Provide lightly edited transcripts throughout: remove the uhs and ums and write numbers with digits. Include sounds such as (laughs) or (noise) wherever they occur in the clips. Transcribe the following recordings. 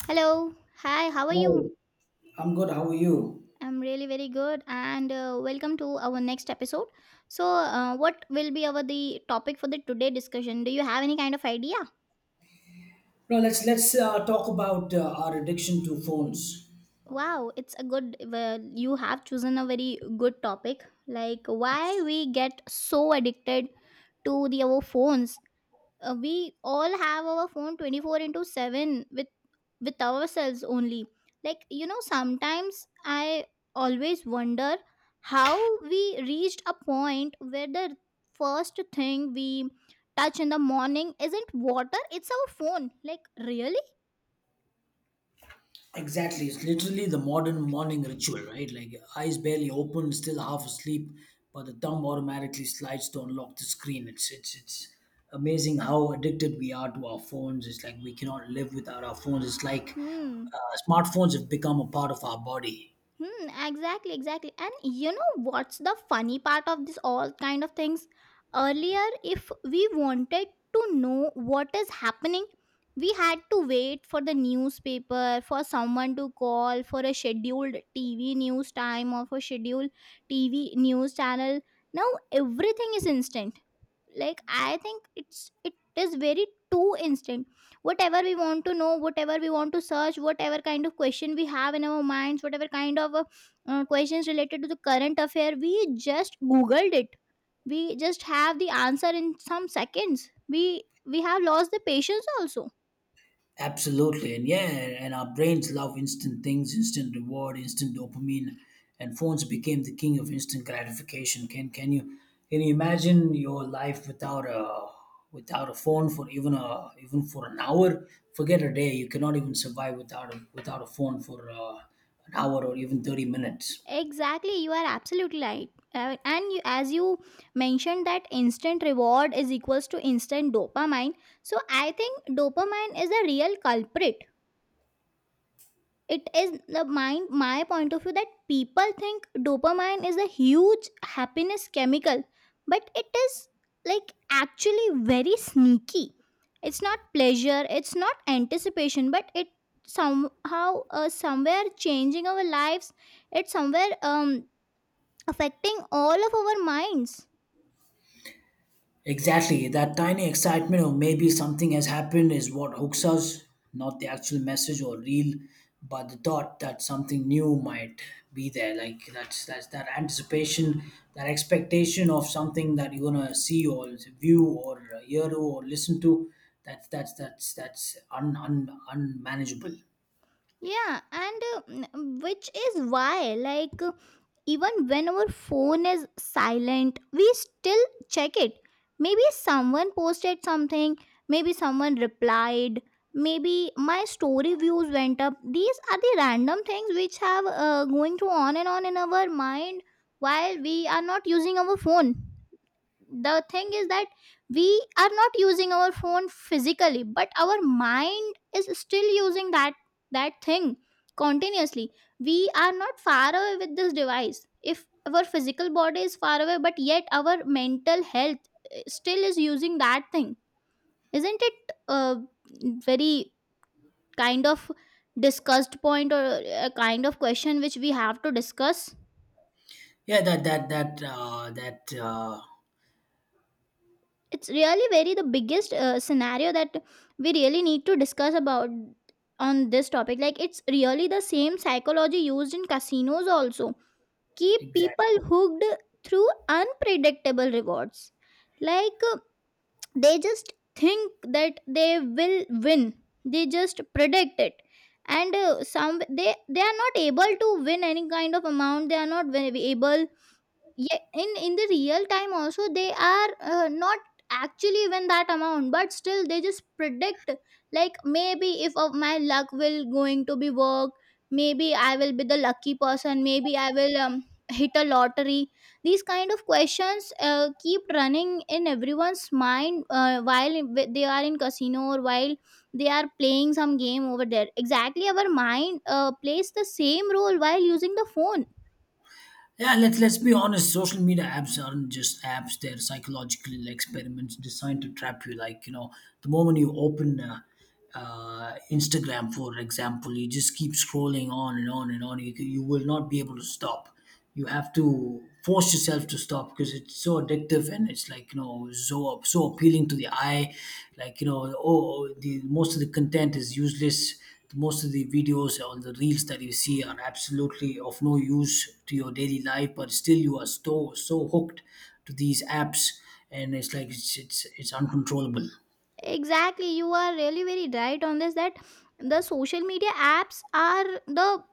Hello. Hi, how are Hi, you? I'm good. How are you? I'm really very good and welcome to our next episode. So, what will be our the topic for the today discussion? Do you have any kind of idea? No, let's talk about our addiction to phones. Wow, it's a good, well, you have chosen a very good topic, like why It's, we get so addicted to the our phones. We all have our phone 24 into 7 with ourselves only, like, sometimes I always wonder how we reached a point where the first thing we touch in the morning isn't water, it's our phone, like, really. exactly, it's literally the modern morning ritual, right? Like eyes barely open, still half asleep, but the thumb automatically slides to unlock the screen. It's amazing how addicted we are to our phones. It's like we cannot live without our phones. It's like Hmm. Smartphones have become a part of our body. Hmm, exactly, exactly. And you know what's the funny part of this all kind of things? Earlier, if we wanted to know what is happening, we had to wait for the newspaper, for someone to call, for a scheduled TV news time, or for scheduled TV news channel. Now everything is instant. Like, I think it is very too instant. Whatever we want to know, whatever we want to search, whatever kind of question we have in our minds, whatever kind of questions related to the current affair, we just googled it. We just have the answer in some seconds. We have lost the patience also. Absolutely. And yeah, and our brains love instant things, instant reward, instant dopamine, and phones became the king of instant gratification. Can you imagine your life without a without a phone for even a even for an hour? Forget a day. You cannot even survive without a without a phone for an hour or even 30 minutes. Exactly, you are absolutely right. And you, as you mentioned, that instant reward is equals to instant dopamine. So I think dopamine is a real culprit. It is the mind, my point of view, that people think dopamine is a huge happiness chemical, but it is, like, actually very sneaky. It's not pleasure, it's not anticipation, but it somehow, somewhere changing our lives. It's somewhere affecting all of our minds. Exactly. That tiny excitement of maybe something has happened is what hooks us, not the actual message or reel, but the thought that something new might be there. Like that's that anticipation, that expectation of something that you're gonna see or view or hear to or listen to. That's unmanageable. Yeah, and which is why, like, even when our phone is silent, we still check it. Maybe someone posted something, maybe someone replied, maybe my story views went up. These are the random things which have going through on and on in our mind while we are not using our phone. The thing is that we are not using our phone physically, but our mind is still using that thing continuously. We are not far away with this device if our physical body is far away, but yet our mental health, still is using that thing. Isn't it a very kind of discussed point, or a kind of question which we have to discuss? Yeah, that that that that It's really very the biggest scenario that we really need to discuss about on this topic. Like, it's really the same psychology used in casinos, also keep exactly. people hooked through unpredictable rewards. Like, they just think that they will win, they just predict it. And uh, some they are not able to win any kind of amount, they are not able, yeah, in the real time also, they are, not actually even that amount, but still they just predict, like, maybe if of my luck will going to be work, maybe I will be the lucky person, maybe I will (laughs) hit a lottery. These kind of questions, keep running in everyone's mind, while they are in casino or while they are playing some game over there. Exactly, our mind plays the same role while using the phone. Yeah, let's be honest. Social media apps aren't just apps; they're psychological experiments designed to trap you. Like you know, the moment you open Instagram, for example, you just keep scrolling on and on and on. You will not be able to stop. You have to force yourself to stop because it's so addictive and it's like you know so so appealing to the eye. Like you know, oh, the most of the content is useless. Most of the videos on the reels that you see are absolutely of no use to your daily life, but still you are so so hooked to these apps, and it's like it's uncontrollable. Exactly, you are really very right on this, that the social media apps are the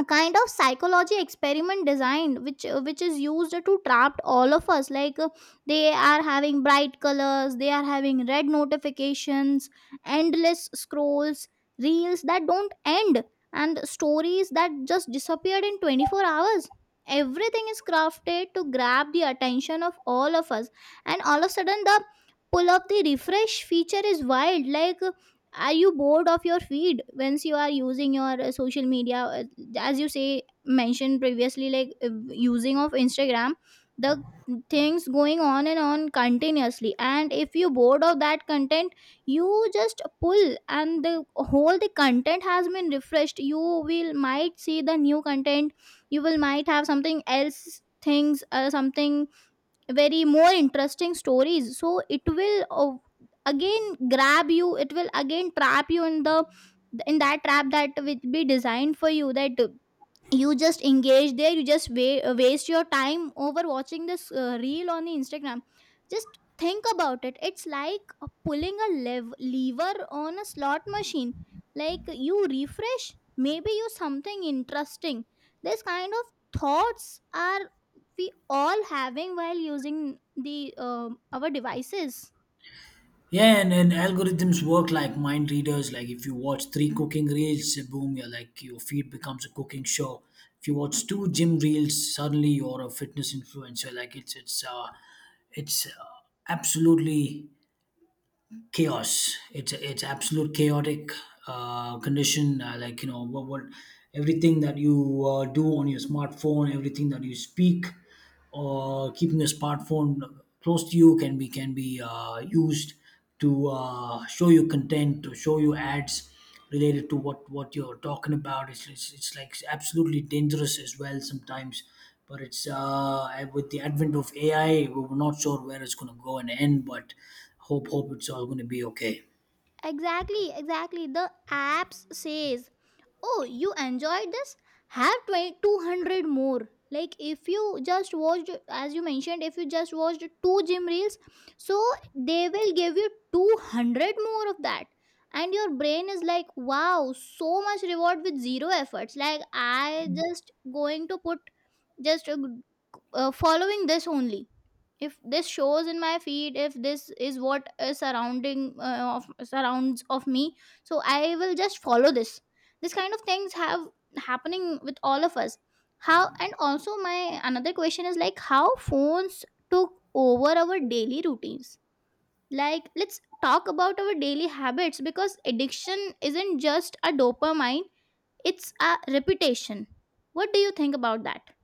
a kind of psychology experiment designed, which is used to trap all of us. Like, they are having bright colors, they are having red notifications, endless scrolls, reels that don't end, and stories that just disappeared in 24 hours. Everything is crafted to grab the attention of all of us. And all of a sudden, the pull up the refresh feature is wild. Like, are you bored of your feed? Once you are using your social media, as you say mentioned previously, like, using of Instagram, the things going on and on continuously, and if you bored of that content, you just pull, and the whole the content has been refreshed, you will might see the new content, you will might have something else things, something very more interesting stories. So it will, again grab you, it will again trap you in the in that trap that will be designed for you, that you just engage there, you just waste your time over watching this reel on the Instagram. Just think about it, it's like, pulling a lever on a slot machine. Like, you refresh, maybe you something interesting. This kind of thoughts are we all having while using the our devices. Yeah, and algorithms work like mind readers. Like if you watch three cooking reels, boom, you're like your feed becomes a cooking show. If you watch two gym reels, suddenly you're a fitness influencer. Like it's absolutely chaos. It's absolute chaotic condition. Like you know what everything that you do on your smartphone, everything that you speak, or keeping a smartphone close to you can be used to show you content, to show you ads related to what you're talking about. It's like absolutely dangerous as well sometimes. But it's with the advent of AI, we're not sure where it's going to go and end. But hope it's all going to be okay. Exactly, exactly, the apps says, oh, you enjoyed this, have 2,200 more. Like, if you just watched, as you mentioned, if you just watched two gym reels, so they will give you 200 more of that. And your brain is like, wow, so much reward with zero efforts. Like, I just going to put, just following this only. If this shows in my feed, if this is what is surrounding, surrounds of me, so I will just follow this. This kind of things have happening with all of us. How, and also my another question is, like, how phones took over our daily routines? Like, let's talk about our daily habits, because addiction isn't just a dopamine, it's a reputation. What do you think about that?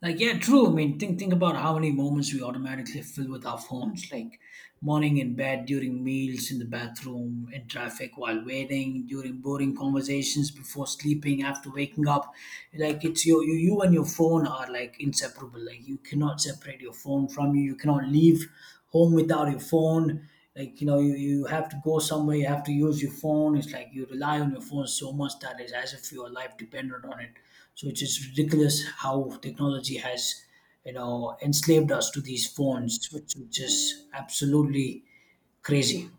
Like, yeah, true. I mean, think about how many moments we automatically fill with our phones, like morning in bed, during meals, in the bathroom, in traffic, while waiting, during boring conversations, before sleeping, after waking up. Like, it's your you and your phone are like inseparable. Like, you cannot separate your phone from you. You cannot leave home without your phone. Like, you know, you have to go somewhere, you have to use your phone. It's like you rely on your phone so much that it's as if your life depended on it, so it's just ridiculous how technology has, you know, enslaved us to these phones, which is absolutely crazy.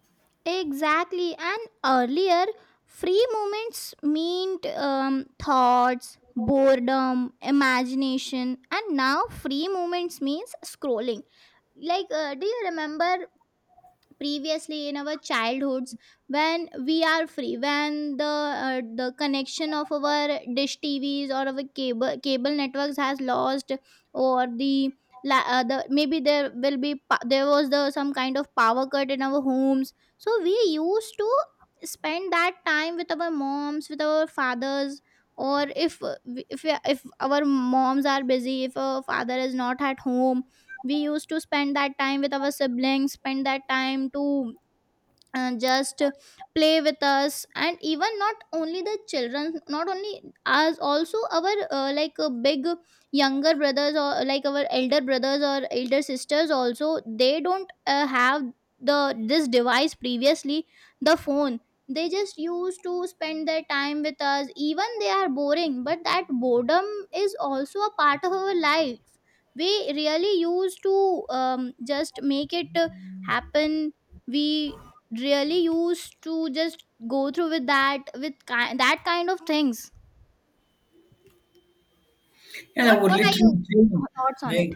Exactly. And earlier, free moments meant thoughts, boredom, imagination, and now free moments means scrolling. Like, do you remember previously in our childhoods, when we are free, when the connection of our dish tvs, or our cable networks has lost, or the la- the maybe there will be there was the some kind of power cut in our homes, so we used to spend that time with our moms, with our fathers, or if, if our moms are busy, if our father is not at home, we used to spend that time with our siblings, spend that time to, just play with us. And even not only the children, not only us, also our, big younger brothers, or like our elder brothers or elder sisters also, they don't have the this device previously, the phone. They just used to spend their time with us, even they are boring, but that boredom is also a part of our life. We really used to just make it happen. We really used to just go through with that, with that kind of things. And I what would what are your literally, kill me. thoughts on it? like,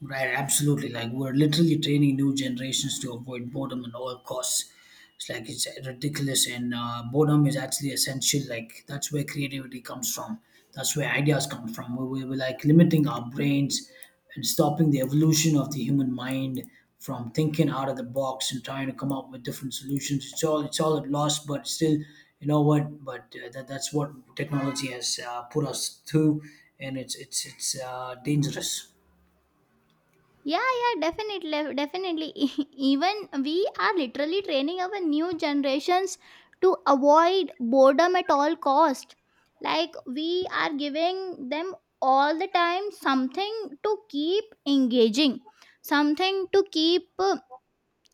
Right, absolutely. Like we're literally training new generations to avoid boredom at all costs. It's like it's ridiculous, and boredom is actually essential. Like that's where creativity comes from. That's where ideas come from. We're like limiting our brains and stopping the evolution of the human mind from thinking out of the box and trying to come up with different solutions. It's all at loss, but still, you know what? But that's what technology has put us through, and it's dangerous. Yeah, yeah, definitely, definitely. (laughs) Even we are literally training our new generations to avoid boredom at all cost. Like, we are giving them all the time something to keep engaging, something to keep, uh,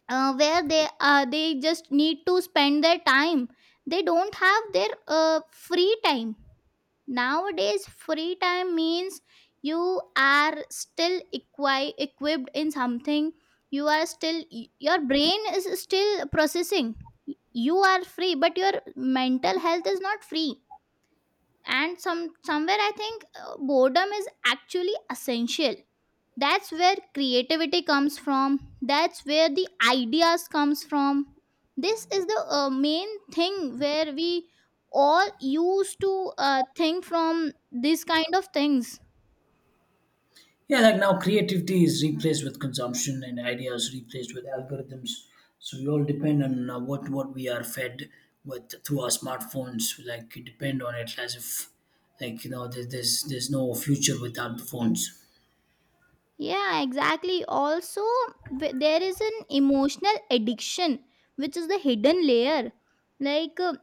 uh, where they just need to spend their time. They don't have their free time. Nowadays free time means you are still equipped in something, you are still your brain is still processing, you are free but your mental health is not free. And somewhere I think boredom is actually essential. That's where creativity comes from, that's where the ideas comes from. This is the main thing where we all used to think from these kind of things. Yeah, like now creativity is replaced with consumption and ideas replaced with algorithms. So we all depend on what we are fed with through our smartphones. Like we depend on it as if like you know there's no future without the phones. Yeah, exactly, also, there is an emotional addiction which is the hidden layer. Like,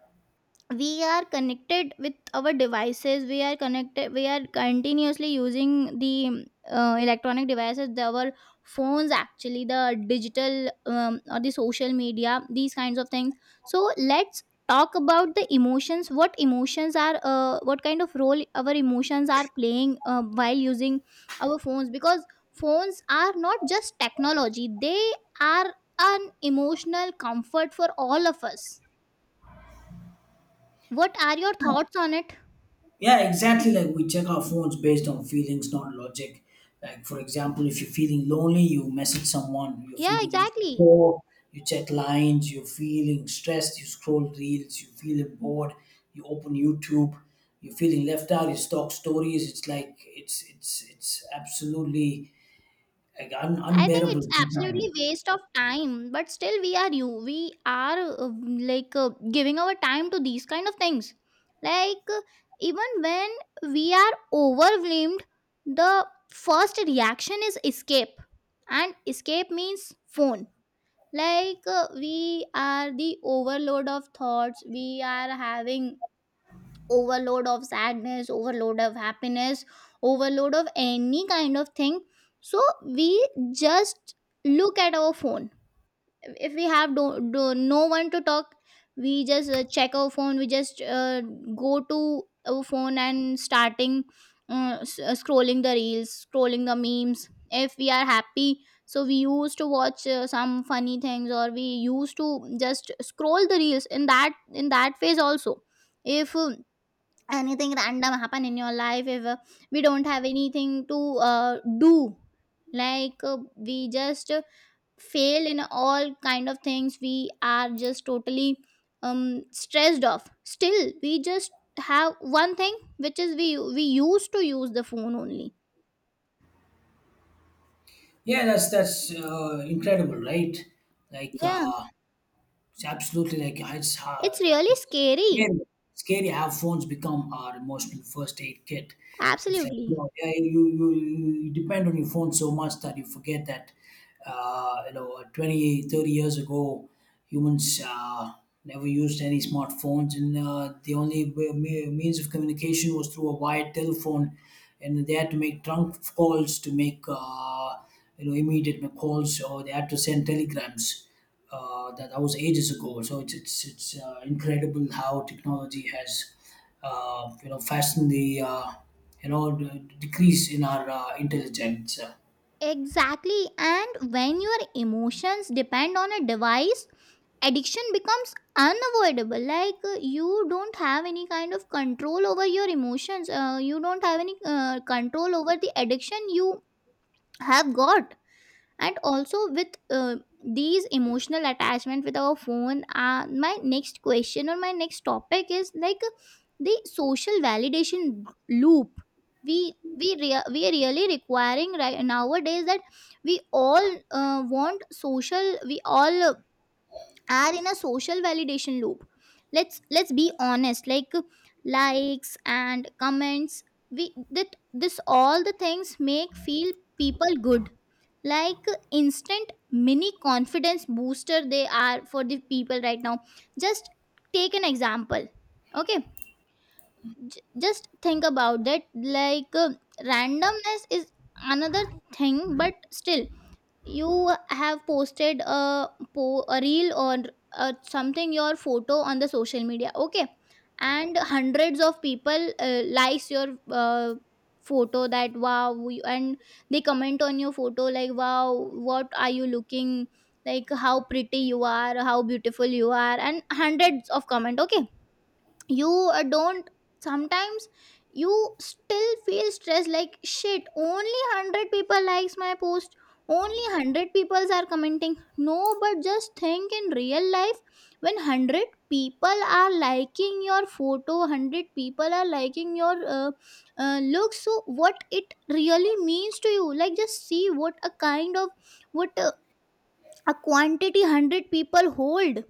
we are connected with our devices, we are continuously using the electronic devices, our phones, actually, the digital, or the social media, these kinds of things. So let's talk about the emotions, what emotions are, what kind of role our emotions are playing, while using our phones, because phones are not just technology, they are an emotional comfort for all of us. What are your thoughts on it? Yeah, exactly. Like we check our phones based on feelings, not logic. Like for example, if you're feeling lonely, you message someone. You're Yeah, feeling exactly. insecure, you check lines. You're feeling stressed, you scroll reels. You feel bored, you open YouTube. You're feeling left out, you stalk stories. It's like it's absolutely like I think unbearable it's absolutely sometimes. waste of time, but still we are you. We are, like, giving our time to these kind of things. Like, even when we are overwhelmed, the first reaction is escape. And escape means phone. Like, we are the overload of thoughts. We are having overload of sadness, overload of happiness, overload of any kind of thing, so we just look at our phone. If we have no one to talk, we just check our phone, we just go to our phone and starting scrolling the reels, scrolling the memes. If we are happy, so we used to watch some funny things, or we used to just scroll the reels in that phase also. If anything random happen in your life, if we don't have anything to do, like, we just fail in all kind of things, we are just totally stressed off. Still we just have one thing, which is we used to use the phone only. Yeah, that's incredible, right? Like Yeah, uh, It's absolutely like it's it's really it's scary. scary. Scary how phones become our emotional first aid kit. It's like you Absolutely. know, yeah, you depend on your phone so much that you forget that you know 20, 30 years ago humans never used any smartphones and the only means of communication was through a wired telephone and they had to make trunk calls to make you know immediate calls or they had to send telegrams, that was ages ago so it's incredible how technology has you know fastened the you know decrease in our intelligence. Exactly. And when your emotions depend on a device, addiction becomes unavoidable. You don't have any kind of control over your emotions. You don't have any control over the addiction you have got. And also, with these emotional attachment with our phone, my next question or my next topic is like the social validation loop. We are really requiring right nowadays, that we all want social, we all are in a social validation loop. Let's be honest, like, likes and comments, we that this all the things make feel people good, like instant mini confidence booster they are for the people right now. Just take an example. Okay, just think about that, like, randomness is another thing, but still, you have posted a a reel or something, your photo on the social media. Okay, and hundreds of people likes your photo, that wow, and they comment on your photo, like, wow, what are you looking, like, how pretty you are, how beautiful you are, and hundreds of comment. Okay, you don't sometimes, you still feel stressed, like, shit, only 100 people likes my post, only 100 people are commenting. No, but just think, in real life, when 100 people are liking your photo, 100 people are liking your look, so what it really means to you. Like, just see what a kind of, what a quantity 100 people hold.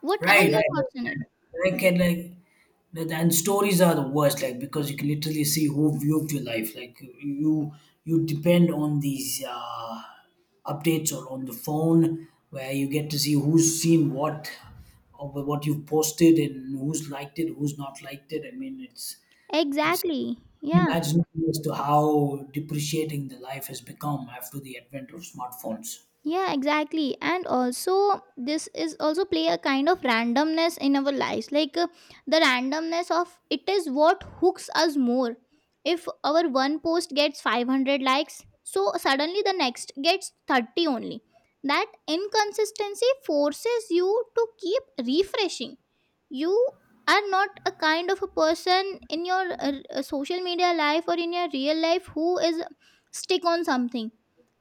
What are your thoughts on it? Right. I can and stories are the worst, like because you can literally see who viewed your life. Like you depend on these updates or on the phone, where you get to see who's seen what, or what you've posted and who's liked it, who's not liked it. I mean, it's Exactly, yeah. unimaginable as to how depreciating the life has become after the advent of smartphones. Yeah, exactly. And also this is also play a kind of randomness in our lives, like, the randomness of it is what hooks us more. If our one post gets 500 likes, so suddenly the next gets 30 only, that inconsistency forces you to keep refreshing. You are not a kind of a person in your social media life or in your real life who is stick on something,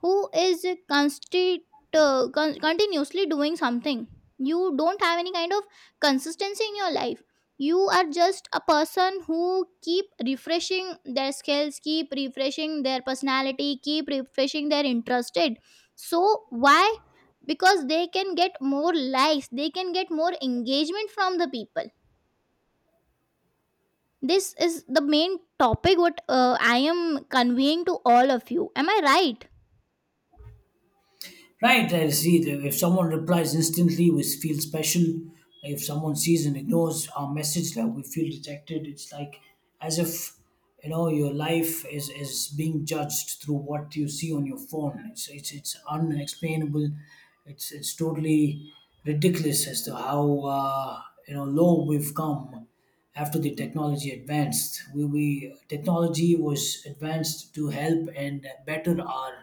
who is continuously doing something. You don't have any kind of consistency in your life. You are just a person who keep refreshing their skills, keep refreshing their personality, keep refreshing their interested. So why? Because they can get more likes, they can get more engagement from the people. This is the main topic what I am conveying to all of you. Am I right? Right, I see. If someone replies instantly, we feel special. If someone sees and ignores our message, like we feel detected. It's like as if you know your life is being judged through what you see on your phone. It's unexplainable. It's totally ridiculous as to how uh, you know low we've come after the technology advanced, we technology was advanced to help and better our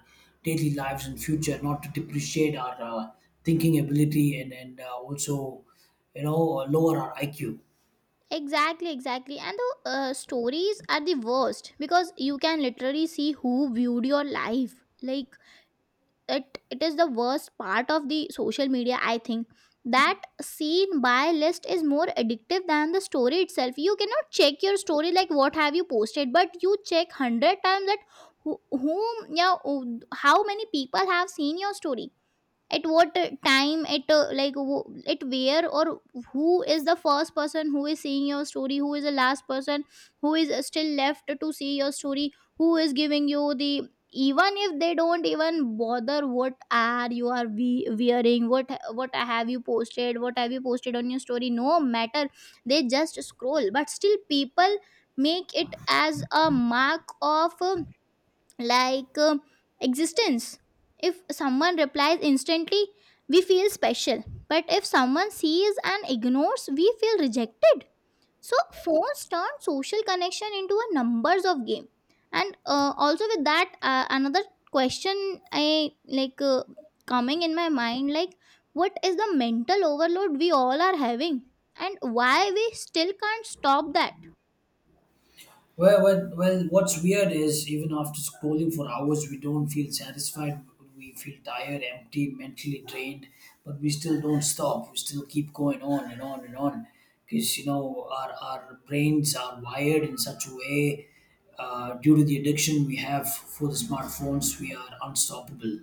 daily lives in future, not to depreciate our thinking ability, and also you know lower our iq. Exactly, exactly. And the stories are the worst, because you can literally see who viewed your life. Like, it is the worst part of the social media. I think that seen by list is more addictive than the story itself. You cannot check your story, like, what have you posted, but you check hundred times that whom, yeah, how many people have seen your story, at what time, at at where, or who is the first person who is seeing your story, who is the last person, who is still left to see your story, who is giving you the, even if they don't even bother what are you wearing, what have you posted, what have you posted on your story, no matter, they just scroll, but still people make it as a mark of like um, existence. If someone replies instantly, we feel special. But if someone sees and ignores, we feel rejected. So phones turn social connection into a numbers of game. And also with that, another question I coming in my mind, like, what is the mental overload we all are having, and why we still can't stop that? Well, what's weird is even after scrolling for hours, we don't feel satisfied. We feel tired, empty, mentally drained, but we still don't stop. We still keep going on and on and on because, you know, our brains are wired in such a way due to the addiction we have for the smartphones, we are unstoppable.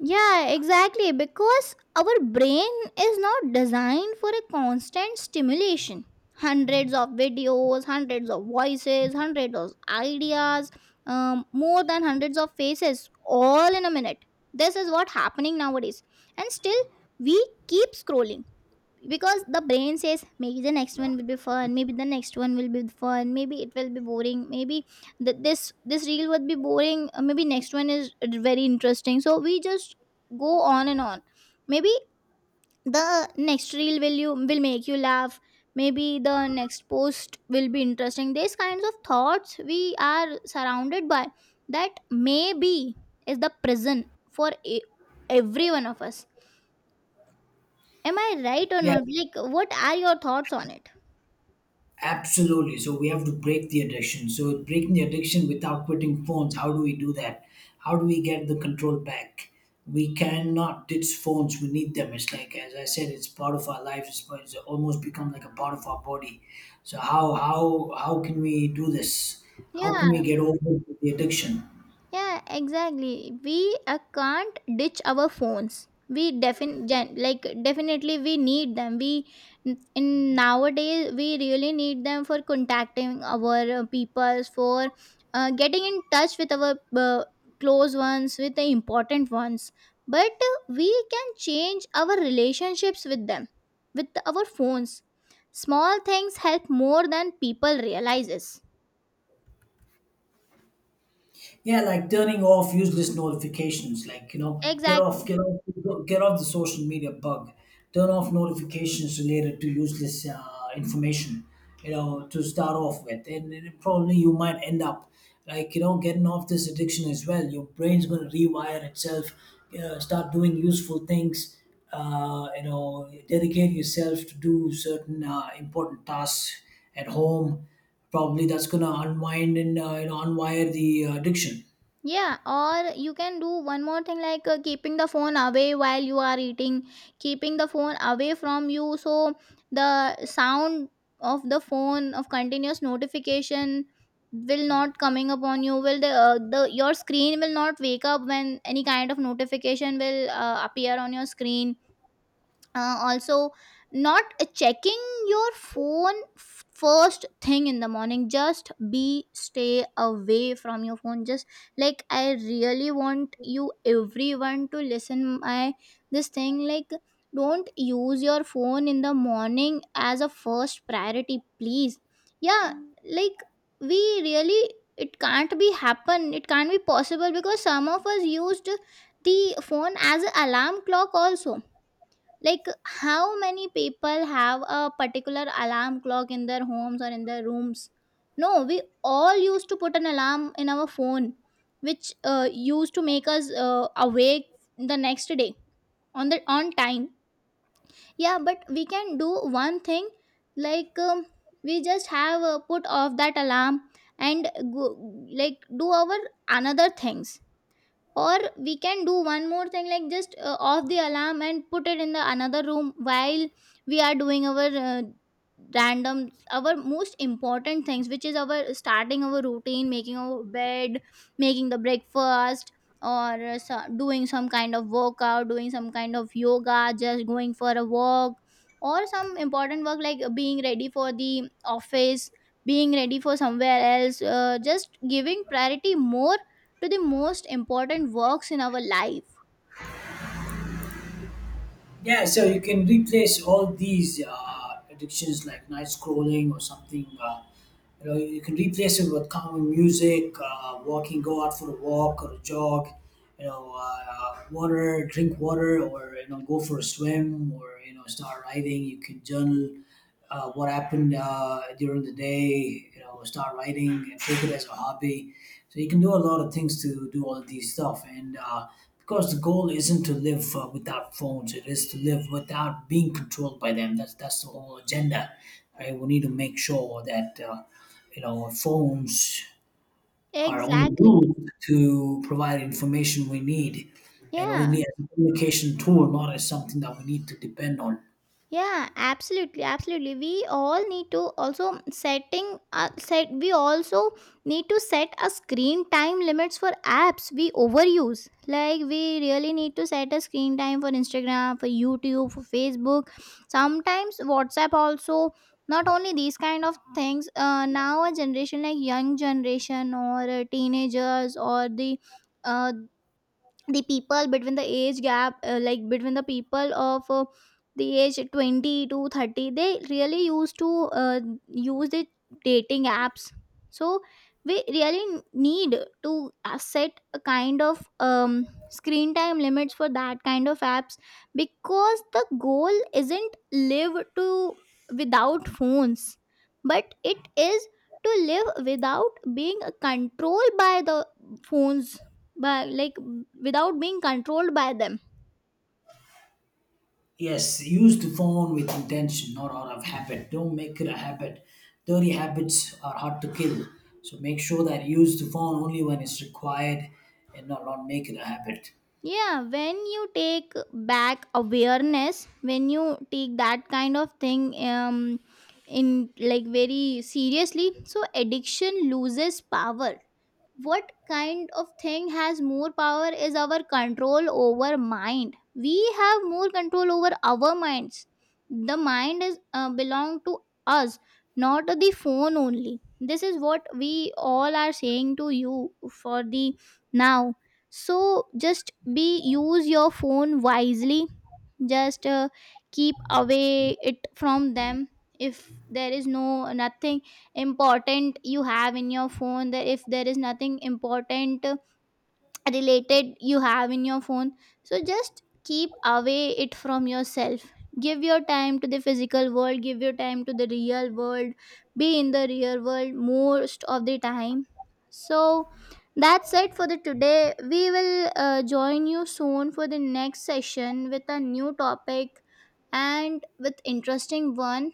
Yeah, exactly. Because our brain is not designed for a constant stimulation. Hundreds of videos, hundreds of voices, hundreds of ideas, more than hundreds of faces, all in a minute. This is what happening nowadays. And still, we keep scrolling, because the brain says, maybe the next one will be fun, maybe the next one will be fun, maybe it will be boring, maybe this reel would be boring, maybe next one is very interesting, so we just go on and on. Maybe the next reel will, you will make you laugh, maybe the next post will be interesting. These kinds of thoughts we are surrounded by, that maybe is the prison for every one of us. Am I right or Yes. not? Like, what are your thoughts on it? Absolutely. So we have to break the addiction. So breaking the addiction without quitting phones, how do we do that? How do we get the control back? We cannot ditch phones. We need them. It's like as I said, it's part of our life. It's almost become like a part of our body. So how can we do this? How can we Yeah, get over the addiction? yeah, exactly. We can't ditch our phones. We definitely, like, definitely we need them. We, in nowadays, we really need them for contacting our peoples, for getting in touch with our close ones, with the important ones. But we can change our relationships with them, with our phones. Small things help more than people realizes. Yeah, like turning off useless notifications. Like you know, Exactly. Get off the social media bug. Turn off notifications related to useless information. You know, to start off with, and then probably you might end up like you know getting off this addiction as well. Your brain's going to rewire itself. You start doing useful things. You know, dedicate yourself to do certain important tasks at home, probably that's going to unwind and you know, unwire the addiction. Yeah, or you can do one more thing, like, keeping the phone away while you are eating, keeping the phone away from you, so the sound of the phone of continuous notification will not coming upon you, will the your screen will not wake up when any kind of notification will appear on your screen. Also, not checking your phone first thing in the morning. Just be, stay away from your phone. Just, like, I really want you everyone to listen my this thing, like, don't use your phone in the morning as a first priority, please. Yeah, like, we really, it can't be happen, it can't be possible, because some of us used the phone as an alarm clock also. Like, how many people have a particular alarm clock in their homes or in their rooms? No, we all used to put an alarm in our phone, which used to make us awake the next day, on the on time. Yeah, but we can do one thing, like, we just have put off that alarm and go, like, do our another things. Or we can do one more thing, like, just off the alarm and put it in the another room while we are doing our random, our most important things, which is our starting our routine, making our bed, making the breakfast, or doing some kind of workout, doing some kind of yoga, just going for a walk, or some important work, like, being ready for the office, being ready for somewhere else. Just giving priority more to the most important works in our life. Yeah, so you can replace all these addictions like night scrolling or something. You know, you can replace it with calming music, walking, go out for a walk or a jog. You know, water, drink water, or you know, go for a swim, or you know, start writing. You can journal what happened during the day, you know, start writing and take it as a hobby. So you can do a lot of things to do all of these stuff. And because the goal isn't to live without phones, it is to live without being controlled by them. That's the whole agenda, right? We need to make sure that you know phones are only Exactly. used to provide information we need, and only Yeah, as a communication tool, not as something that we need to depend on. yeah, absolutely, absolutely. We all need to also set. We also need to set a screen time limits for apps we overuse. Like, we really need to set a screen time for Instagram, for YouTube, for Facebook. Sometimes WhatsApp also. Not only these kind of things. Now a generation, like young generation, or teenagers, or uh, the people between the age gap like, between the people of the age 20 to 30, they really used to use the dating apps. So we really need to set a kind of screen time limits for that kind of apps. Because the goal isn't live to without phones, but it is to live without being controlled by the phones. But like, without being controlled by them. Yes, use the phone with intention, not out of habit. Don't make it a habit. Dirty habits are hard to kill. So make sure that you use the phone only when it's required and not make it a habit. Yeah, when you take back awareness, when you take that kind of thing in, like, very seriously, so addiction loses power. What kind of thing has more power is our control over mind. We have more control over our minds. The mind is belong to us, not the phone only. This is what we all are saying to you for the now. So just be, use your phone wisely. Just keep away it from them. If there is no nothing important you have in your phone, that if there is nothing important related you have in your phone, so just keep away it from yourself. Give your time to the physical world, give your time to the real world. Be in the real world most of the time. So that's it for the today. We will join you soon for the next session with a new topic, and with interesting one.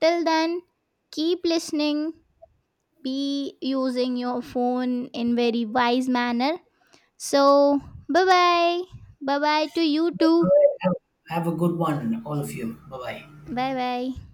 Till then, keep listening, be using your phone in very wise manner. So, bye bye. Bye bye to you All too. right, have a good one, all of you. Bye bye. Bye bye.